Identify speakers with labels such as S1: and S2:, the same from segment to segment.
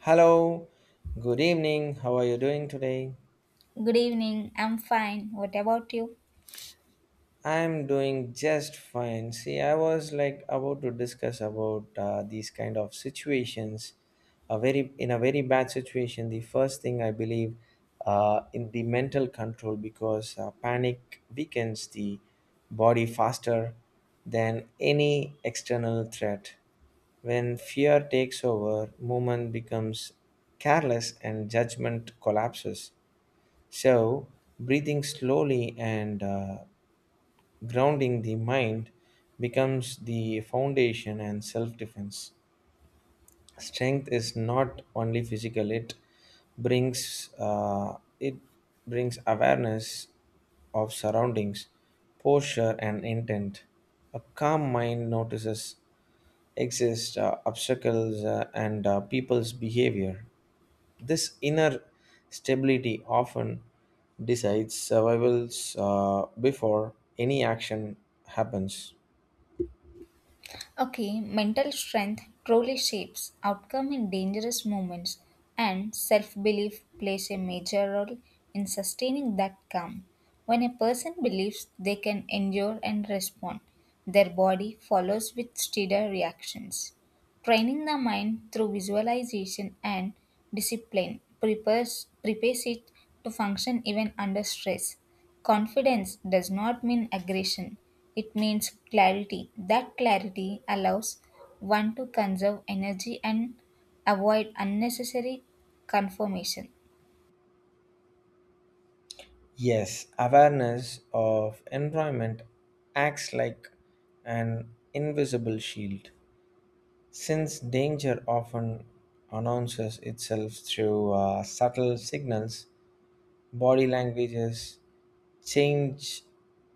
S1: Hello, good evening. How are you doing today?
S2: Good evening, I'm fine. What about you?
S1: I'm doing just fine. See, I was like about to discuss about these kind of situations. A very in a very bad situation, the first thing I believe in the mental control because panic weakens the body faster than any external threat. When fear takes over, movement becomes careless and judgment collapses. So, breathing slowly and grounding the mind becomes the foundation and self defense. Strength is not only physical, it brings it awareness of surroundings, posture and intent. A calm mind notices exist obstacles and people's behavior. This inner stability often decides survivals before any action happens.
S2: Okay, mental strength truly shapes outcome in dangerous moments, and self belief plays a major role in sustaining that calm. When a person believes they can endure and respond, their body follows with steadier reactions. Training the mind through visualization and discipline prepares it to function even under stress. Confidence does not mean aggression, it means clarity. That clarity allows one to conserve energy and avoid unnecessary conformation.
S1: Yes, awareness of environment acts like an invisible shield, since danger often announces itself through subtle signals, body languages, change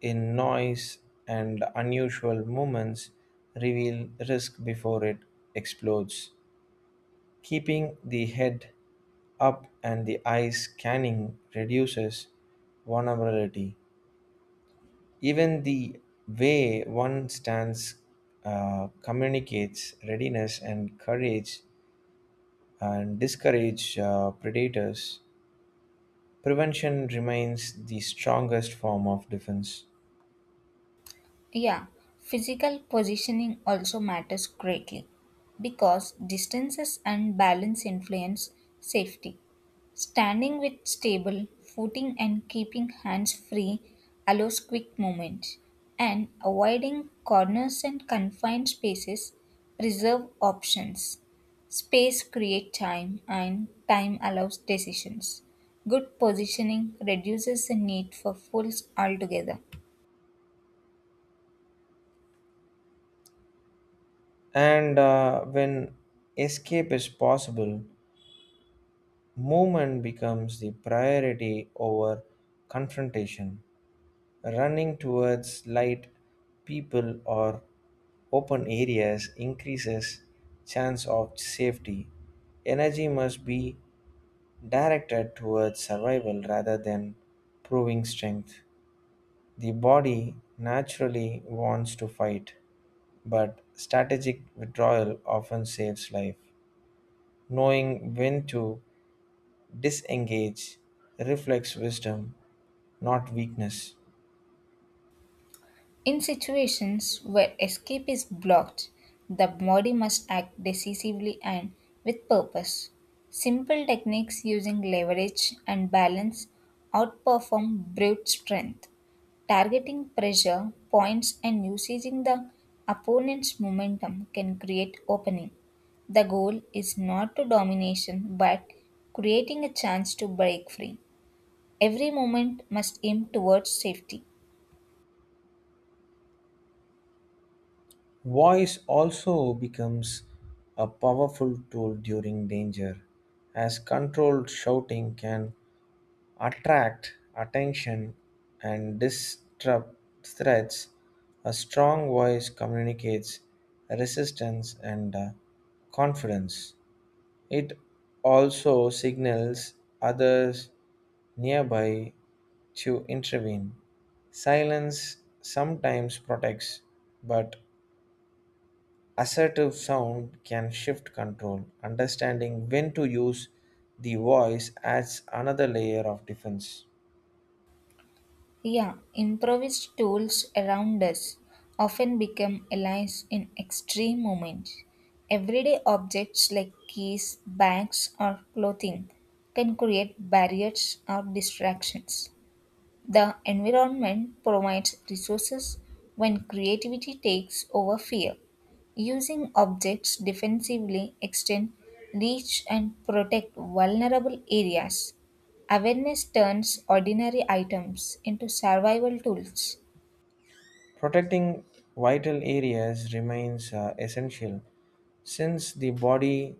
S1: in noise, and unusual movements reveal risk before it explodes. Keeping the head up and the eyes scanning reduces vulnerability. Even the way one stands communicates readiness and courage and discourage predators. Prevention remains the strongest form of defense.
S2: Yeah, physical positioning also matters greatly because distances and balance influence safety. Standing with stable footing and keeping hands free allows quick movement, and avoiding corners and confined spaces preserve options. Space creates time, and time allows decisions. Good positioning reduces the need for fools altogether.
S1: And When escape is possible, movement becomes the priority over confrontation. Running towards light, people, or open areas increases chance of safety. Energy must be directed towards survival rather than proving strength. The body naturally wants to fight, but strategic withdrawal often saves life. Knowing when to disengage reflects wisdom, not weakness.
S2: In situations where escape is blocked, the body must act decisively and with purpose. Simple techniques using leverage and balance outperform brute strength. Targeting pressure, points, and using the opponent's momentum can create opening. The goal is not to domination but creating a chance to break free. Every movement must aim towards safety.
S1: Voice also becomes a powerful tool during danger, as controlled shouting can attract attention and disrupt threats. A strong voice communicates resistance and confidence. It also signals others nearby to intervene. Silence sometimes protects, but assertive sound can shift control. Understanding when to use the voice adds another layer of defense.
S2: Yeah, improvised tools around us often become allies in extreme moments. Everyday objects like keys, bags, or clothing can create barriers or distractions. The environment provides resources when creativity takes over fear. Using objects defensively extend reach and protect vulnerable areas. Awareness turns ordinary items into survival tools.
S1: Protecting vital areas remains essential since the body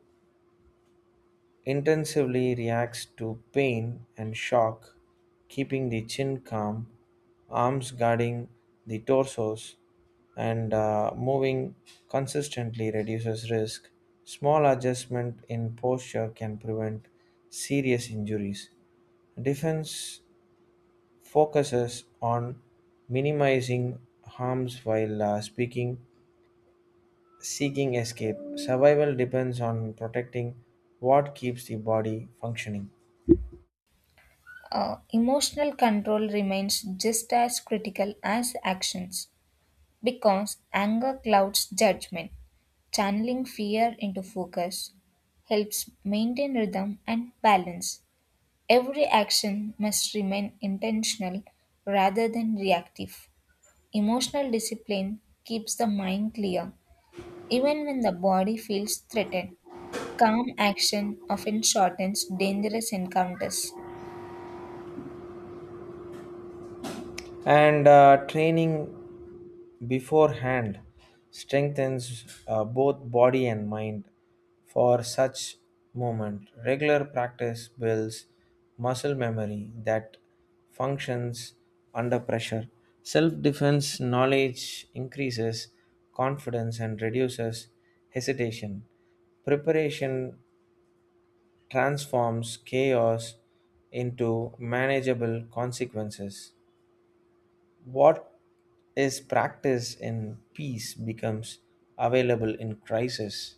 S1: intensively reacts to pain and shock, keeping the chin calm, arms guarding the torsos, and moving consistently reduces risk. Small adjustment in posture can prevent serious injuries. Defense focuses on minimizing harms while speaking, seeking escape. Survival depends on protecting what keeps the body functioning.
S2: Emotional control remains just as critical as actions. Because anger clouds judgment, channeling fear into focus helps maintain rhythm and balance. Every action must remain intentional rather than reactive. Emotional discipline keeps the mind clear even when the body feels threatened. Calm action often shortens dangerous encounters.
S1: And Training beforehand strengthens both body and mind for such moment. Regular practice builds muscle memory that functions under pressure. Self defense knowledge increases confidence and reduces hesitation. Preparation transforms chaos into manageable consequences. What is practiced in peace becomes available in crisis.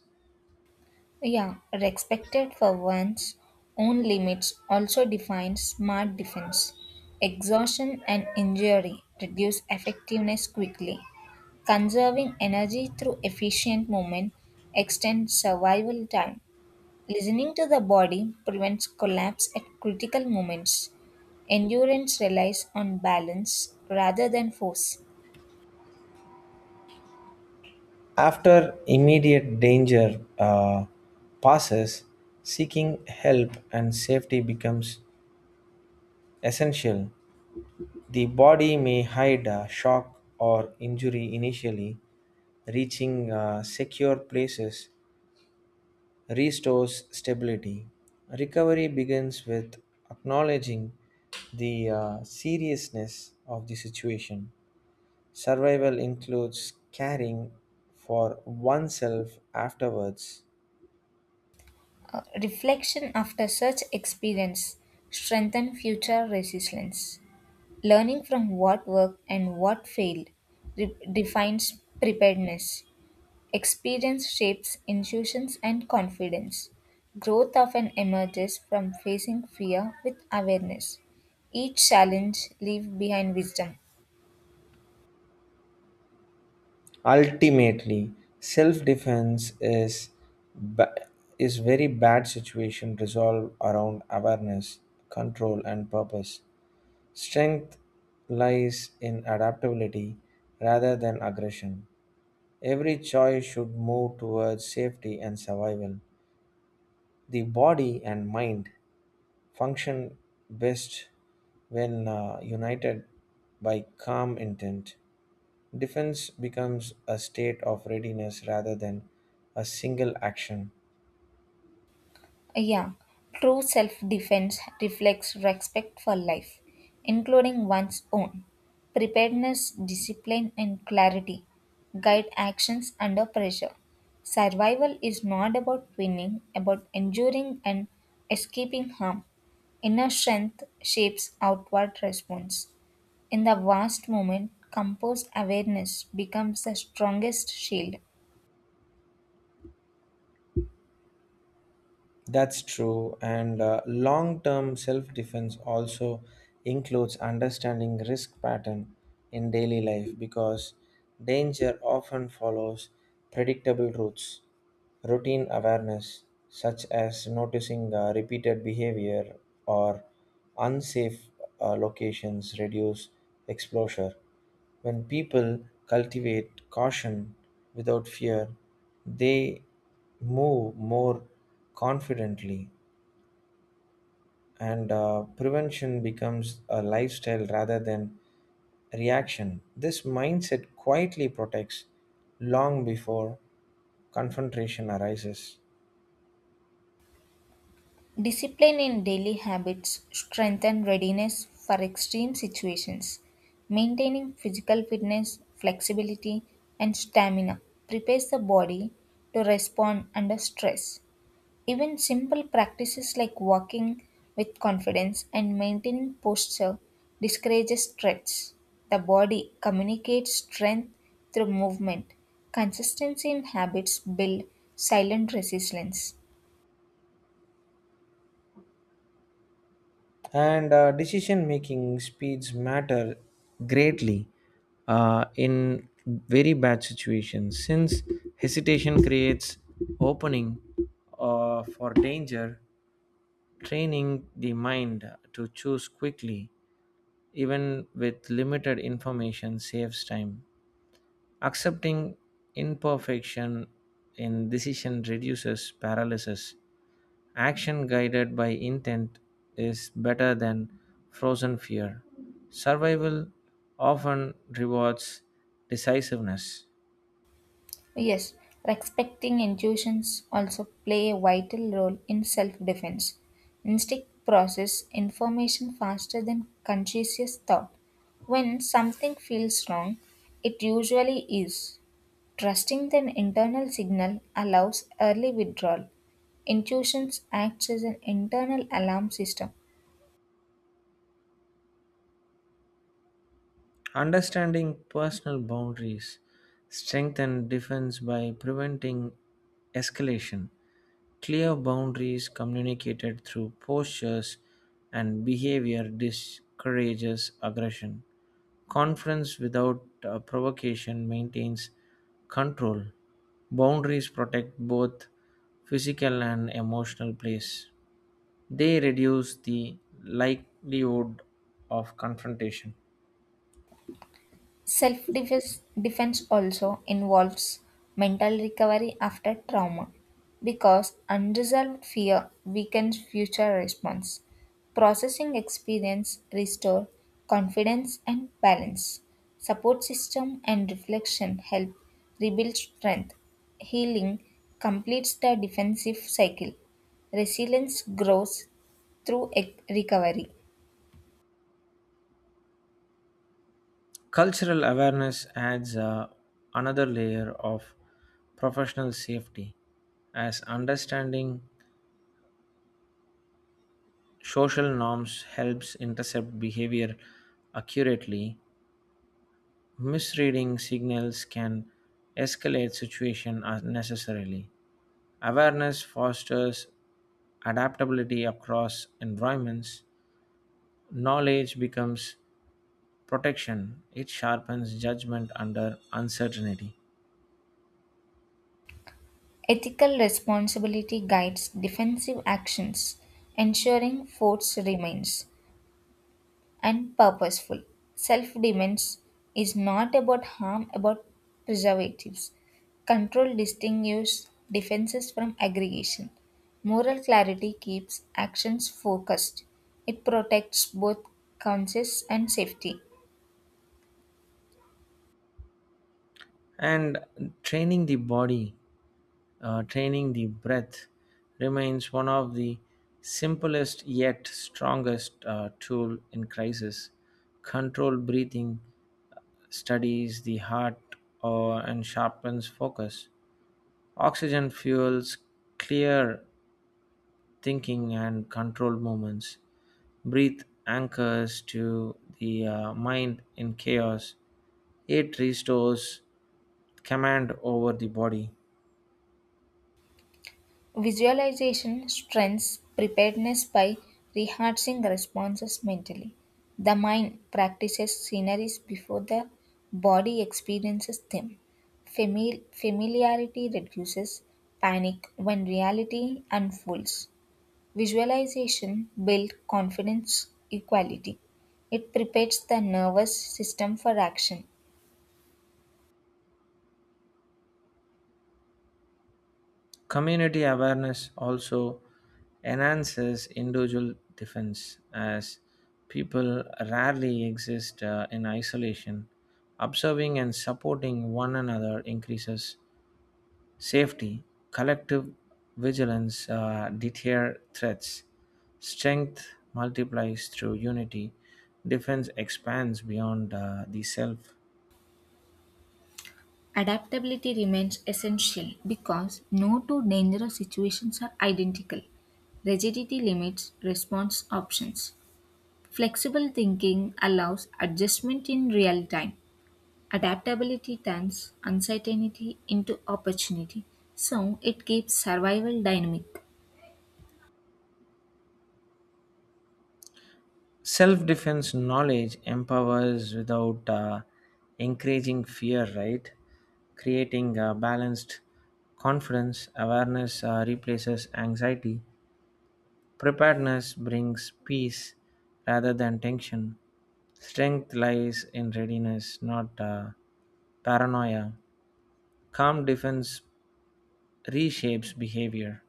S2: Yeah, respected for one's own limits also defines smart defense. Exhaustion and injury reduce effectiveness quickly. Conserving energy through efficient movement extends survival time. Listening to the body prevents collapse at critical moments. Endurance relies on balance rather than force.
S1: After immediate danger passes, seeking help and safety becomes essential. The body may hide a shock or injury initially, reaching secure places restores stability. Recovery begins with acknowledging the seriousness of the situation. Survival includes caring for oneself afterwards.
S2: Reflection after such experience strengthens future resilience. Learning from what worked and what failed defines preparedness. Experience shapes intuitions and confidence. Growth often emerges from facing fear with awareness. Each challenge leaves behind wisdom.
S1: Ultimately, self-defense ba- is very bad situation resolved around awareness, control, and purpose. Strength lies in adaptability rather than aggression. Every choice should move towards safety and survival. The body and mind function best when united by calm intent. Defense becomes a state of readiness rather than a single action.
S2: Yeah, true self defense reflects respect for life, including one's own. Preparedness, discipline, and clarity guide actions under pressure. Survival is not about winning, about enduring and escaping harm. Inner strength shapes outward response. In the vast moment, composed awareness becomes the strongest shield.
S1: That's true, and long-term self-defense also includes understanding risk pattern in daily life because danger often follows predictable routes. Routine awareness, such as noticing repeated behavior or unsafe locations, reduce exposure. When people cultivate caution without fear, they move more confidently, and prevention becomes a lifestyle rather than reaction. This mindset quietly protects long before confrontation arises.
S2: Discipline in daily habits strengthen readiness for extreme situations. Maintaining physical fitness, flexibility, and stamina prepares the body to respond under stress. Even simple practices like walking with confidence and maintaining posture discourages stress. The body communicates strength through movement. Consistency in habits build silent resilience.
S1: And Decision making speeds matter greatly in very bad situations since hesitation creates opening for danger. Training the mind to choose quickly even with limited information saves time. Accepting imperfection in decision reduces paralysis. Action guided by intent is better than frozen fear. Survival often rewards decisiveness.
S2: Yes, respecting intuitions also play a vital role in self-defense. Instinct process information faster than conscious thought. When something feels wrong, it usually is. Trusting the internal signal allows early withdrawal. Intuitions acts as an internal alarm system.
S1: Understanding personal boundaries, strength and defense by preventing escalation, clear boundaries communicated through postures and behavior discourages aggression. Conference without provocation maintains control. Boundaries protect both physical and emotional place. They reduce the likelihood of confrontation.
S2: Self defense also involves mental recovery after trauma because unresolved fear weakens future response. Processing experience restore confidence and balance. Support system and reflection help rebuild strength. Healing completes the defensive cycle. Resilience grows through recovery.
S1: Cultural awareness adds another layer of professional safety, as understanding social norms helps intercept behavior accurately. Misreading signals can escalate situation unnecessarily. Awareness fosters adaptability across environments. Knowledge becomes protection. It sharpens judgment under uncertainty.
S2: Ethical responsibility guides defensive actions, ensuring force remains and purposeful. Self defense is not about harm, about preservatives. Control distinguishes defenses from aggregation. Moral clarity keeps actions focused. It protects both conscience and safety.
S1: And training the body, training the breath remains one of the simplest yet strongest tool in crisis. Controlled breathing studies the heart and sharpens focus. Oxygen fuels clear thinking and controlled movements. Breathe anchors to the mind in chaos. It restores command over the body.
S2: Visualization strengthens preparedness by rehearsing responses mentally. The mind practices sceneries before the body experiences them. Familiarity reduces panic when reality unfolds. Visualization builds confidence equality. It prepares the nervous system for action.
S1: Community awareness also enhances individual defense as people rarely exist in isolation. Observing and supporting one another increases safety, collective vigilance deter threats, strength multiplies through unity, defense expands beyond the self.
S2: Adaptability remains essential because no two dangerous situations are identical. Rigidity limits response options. Flexible thinking allows adjustment in real time. Adaptability turns uncertainty into opportunity, so it keeps survival dynamic.
S1: Self defense knowledge empowers without encouraging fear, right? Creating balanced confidence, awareness replaces anxiety. Preparedness brings peace rather than tension. Strength lies in readiness, not paranoia. Calm defense reshapes behavior.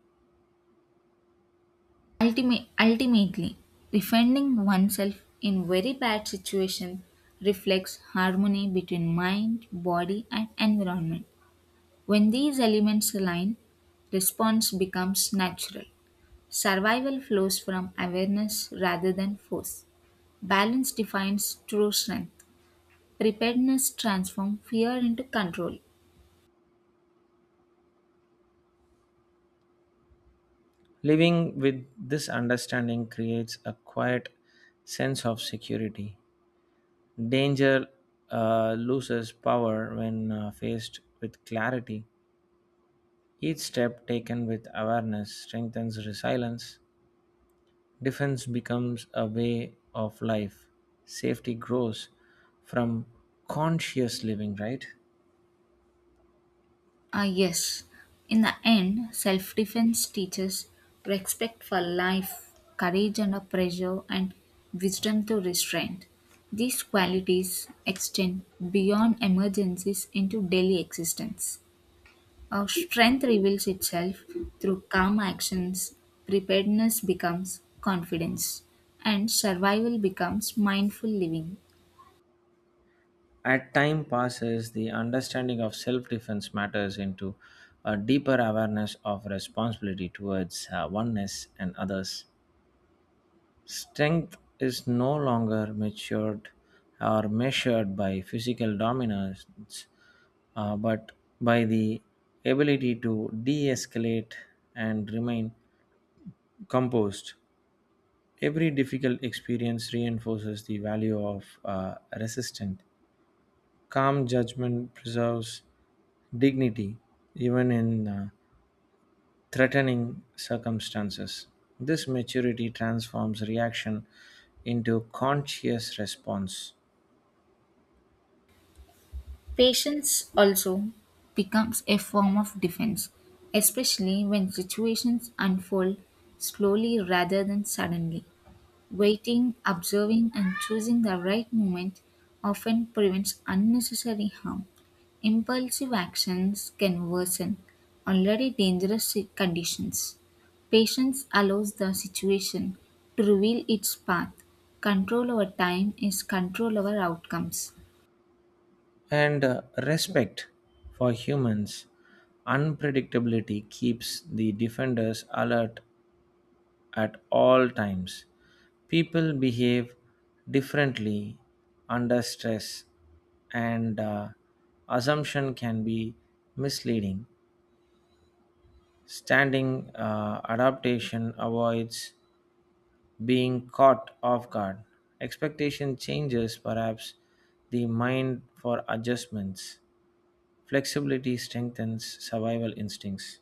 S2: Ultimately, defending oneself in very bad situations reflects harmony between mind, body, and environment. When these elements align, response becomes natural. Survival flows from awareness rather than force. Balance defines true strength. Preparedness transforms fear into control.
S1: Living with this understanding creates a quiet sense of security. Danger loses power when faced with clarity. Each step taken with awareness strengthens resilience. Defense becomes a way of life. Safety grows from conscious living, right?
S2: Ah, yes. In the end, self defense teaches respect for life, courage under pressure, and wisdom to restraint. These qualities extend beyond emergencies into daily existence. Our strength reveals itself through calm actions, preparedness becomes confidence, and survival becomes mindful living.
S1: As time passes, the understanding of self defense matters into a deeper awareness of responsibility towards oneness and others. Strength is no longer matured or measured by physical dominance, but by the ability to de escalate and remain composed. Every difficult experience reinforces the value of resistance. Calm judgment preserves dignity even in threatening circumstances. This maturity transforms reaction into conscious response.
S2: Patience also becomes a form of defense, especially when situations unfold slowly rather than suddenly. Waiting, observing, and choosing the right moment often prevents unnecessary harm. Impulsive actions can worsen already dangerous conditions. Patience allows the situation to reveal its path. Control over time is control over outcomes.
S1: And respect for humans, unpredictability keeps the defenders alert at all times. People behave differently under stress, and assumption can be misleading. Standing adaptation avoids being caught off guard. Expectation changes, perhaps, the mind for adjustments. Flexibility strengthens survival instincts.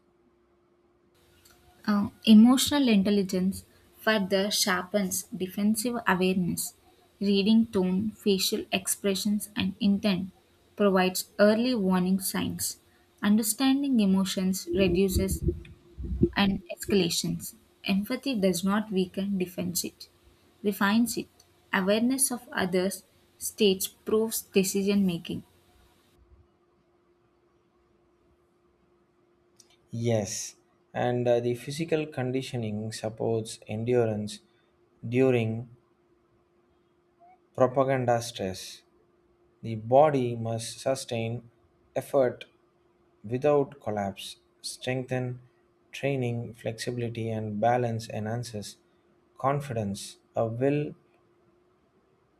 S2: Emotional intelligence further sharpens defensive awareness. Reading tone, facial expressions, and intent provides early warning signs. Understanding emotions reduces and escalations. Empathy does not weaken, defends it, refines it. Awareness of others' states proves decision making.
S1: Yes, and the physical conditioning supports endurance during propaganda stress. The body must sustain effort without collapse. Strengthen training, flexibility, and balance enhances confidence. A well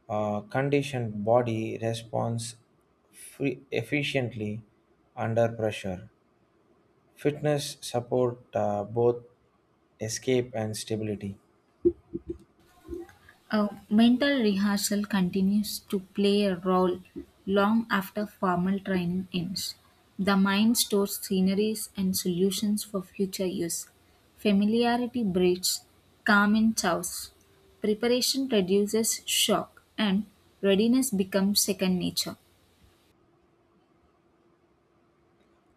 S1: conditioned body responds efficiently under pressure. Fitness support both escape and stability.
S2: A mental rehearsal continues to play a role long after formal training ends. The mind stores sceneries and solutions for future use. Familiarity breeds calm in chaos. Preparation reduces shock, and readiness becomes second nature.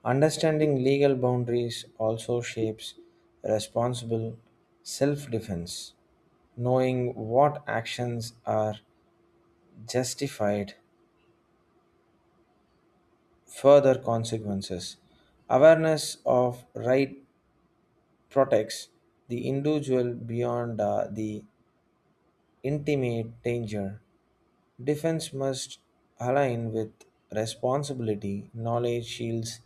S1: Understanding legal boundaries also shapes responsible self defense. Knowing what actions are justified, further consequences. Awareness of right protects the individual beyond the intimate danger. Defense must align with responsibility, knowledge shields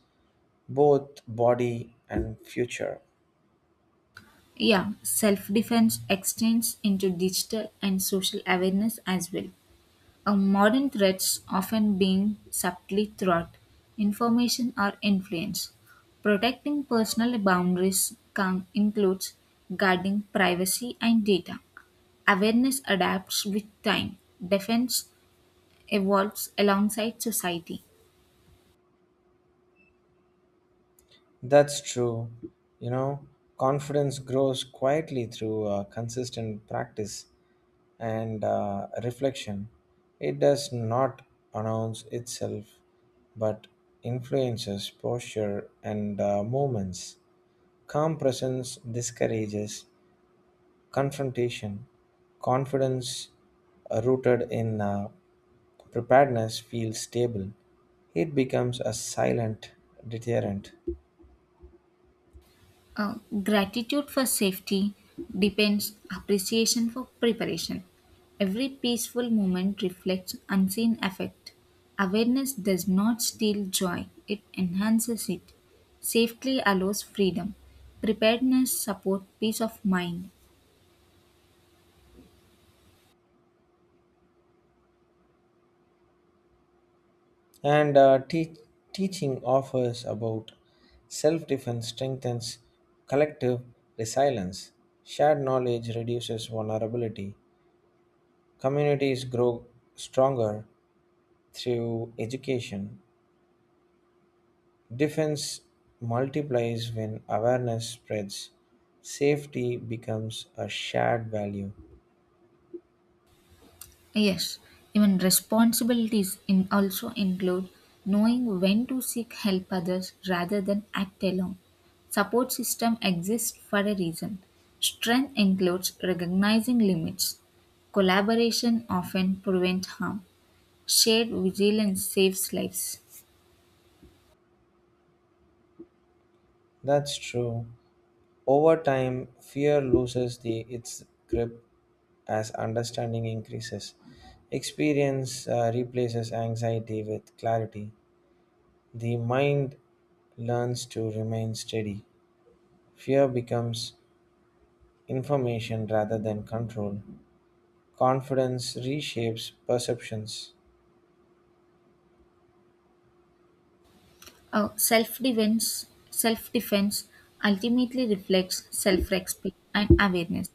S1: both body and future.
S2: Yeah, self defense extends into digital and social awareness as well. Modern threats often being subtly throughout information or influence. Protecting personal boundaries can, includes guarding privacy and data. Awareness adapts with time, defense evolves alongside society.
S1: That's true. You know, confidence grows quietly through consistent practice and reflection. It does not announce itself but influences posture and movements. Calm presence discourages confrontation. Confidence rooted in preparedness feels stable, it becomes a silent deterrent.
S2: Uh, Gratitude for safety depends appreciation for preparation. Every peaceful moment reflects unseen effort. Awareness does not steal joy, it enhances it. Safety allows freedom. Preparedness supports peace of mind.
S1: And uh, te- Teaching offers about self defense strengthens collective resilience. Shared knowledge reduces vulnerability. Communities grow stronger through education. Defense multiplies when awareness spreads. Safety becomes a shared value.
S2: Yes, even responsibilities in also include knowing when to seek help others rather than act alone. Support system exists for a reason. Strength includes recognizing limits. Collaboration often prevents harm. Shared vigilance saves lives.
S1: That's true. Over time, fear loses its grip as understanding increases. Experience replaces anxiety with clarity. The mind learns to remain steady. Fear becomes information rather than control. Confidence reshapes perceptions.
S2: Self-defense ultimately reflects self-respect and awareness.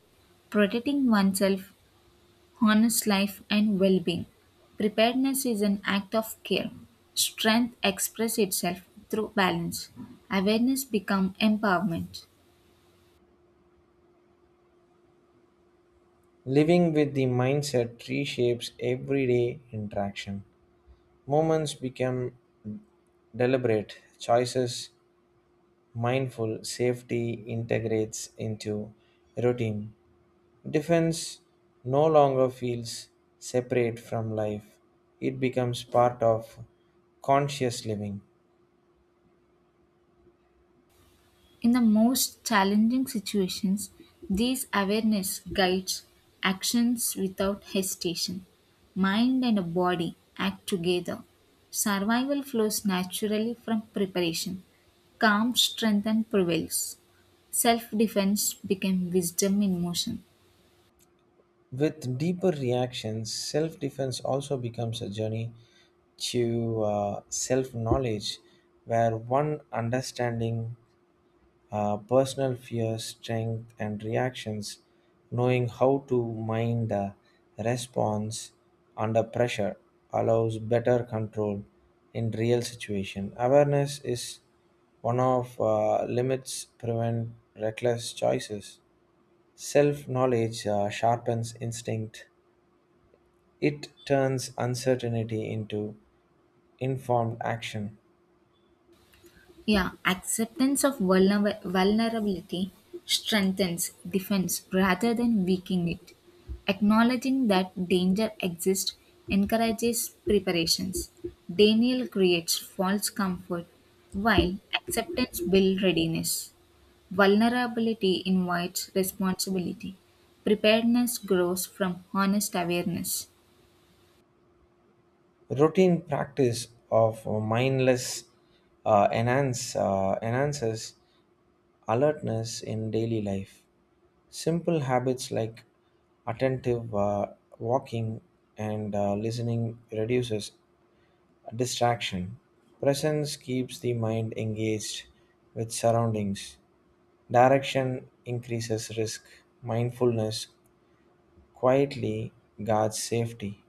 S2: Protecting oneself honest life, and well being. Preparedness is an act of care. Strength expresses itself through balance. Awareness becomes empowerment.
S1: Living with the mindset reshapes everyday interaction. Moments become deliberate, choices. Mindful safety integrates into routine. Defense no longer feels separate from life, it becomes part of conscious living.
S2: In the most challenging situations, this awareness guides actions without hesitation. Mind and body act together. Survival flows naturally from preparation. Calm strength and prevails. Self defense became wisdom in motion.
S1: With deeper reactions, self defense also becomes a journey to self knowledge where one understanding personal fears, strength, and reactions, knowing how to mind the response under pressure allows better control in real situation. Awareness is one of limits prevent reckless choices. Self knowledge sharpens instinct. It turns uncertainty into informed action.
S2: Yeah, acceptance of vulnerability strengthens defense rather than weakening it. Acknowledging that danger exists encourages preparations. Denial creates false comfort, while acceptance builds readiness. Vulnerability invites responsibility. Preparedness grows from honest awareness.
S1: Routine practice of mindless enhances alertness in daily life. Simple habits like attentive walking and listening reduces distraction. Presence keeps the mind engaged with surroundings. Direction increases risk. Mindfulness quietly guards safety.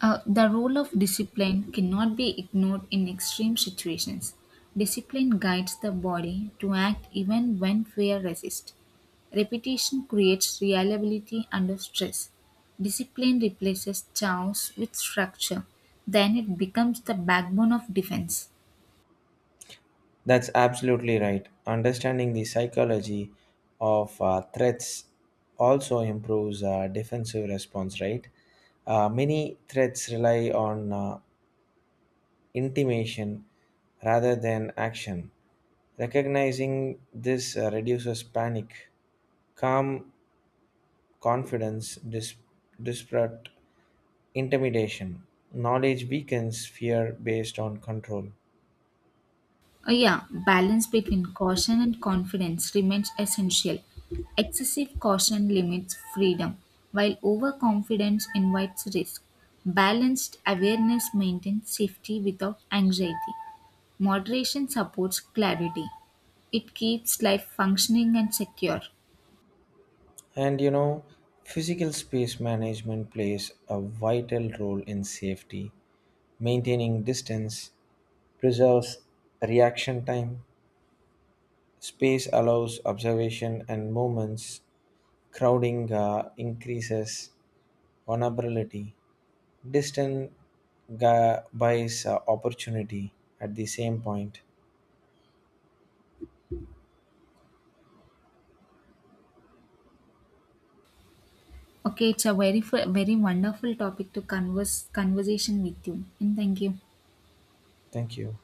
S2: The role of discipline cannot be ignored in extreme situations. Discipline guides the body to act even when fear resists. Repetition creates reliability under stress. Discipline replaces chaos with structure, then it becomes the backbone of defense.
S1: That's absolutely right. Understanding the psychology of threats also improves defensive response, right? Many threats rely on intimation rather than action. Recognizing this reduces panic, calm confidence, disparate intimidation. Knowledge weakens fear based on control.
S2: Yeah, balance between caution and confidence remains essential. Excessive caution limits freedom, while overconfidence invites risk. Balanced awareness maintains safety without anxiety. Moderation supports clarity. It keeps life functioning and secure.
S1: And you know, physical space management plays a vital role in safety. Maintaining distance preserves reaction time. Space allows observation and movements. Crowding increases vulnerability. Distance buys opportunity at the same point.
S2: Okay, it's a very wonderful topic to converse conversation with you. And thank you.
S1: Thank you.